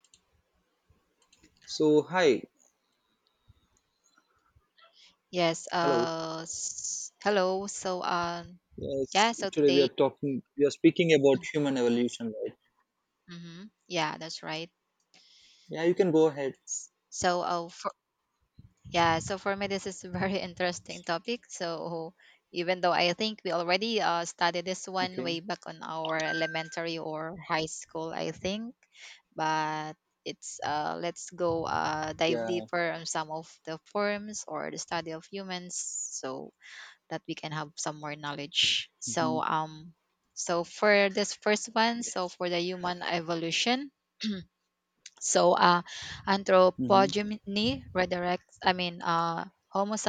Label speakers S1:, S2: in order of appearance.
S1: So hi,
S2: Yes.
S1: hello.
S2: Hello. Yeah.
S1: Yes,
S2: So
S1: today we
S2: today.
S1: are talking. We are speaking about human evolution, right?
S2: Mm-hmm. Yeah, that's right.
S1: Yeah, you can go ahead.
S2: S- So, uh, for, yeah. So for me, this is a very interesting topic. So, even though I think we already studied this one
S1: Okay.
S2: way back on our elementary or high school, I think, but it's let's go dive
S1: Yeah.
S2: deeper on some of the forms or the study of humans, so that we can have some more knowledge. So
S1: Mm-hmm.
S2: um so for this first one, so
S1: Yes.
S2: for the human evolution, so uh
S1: Mm-hmm.
S2: anthropogeny redirects, I mean, Homo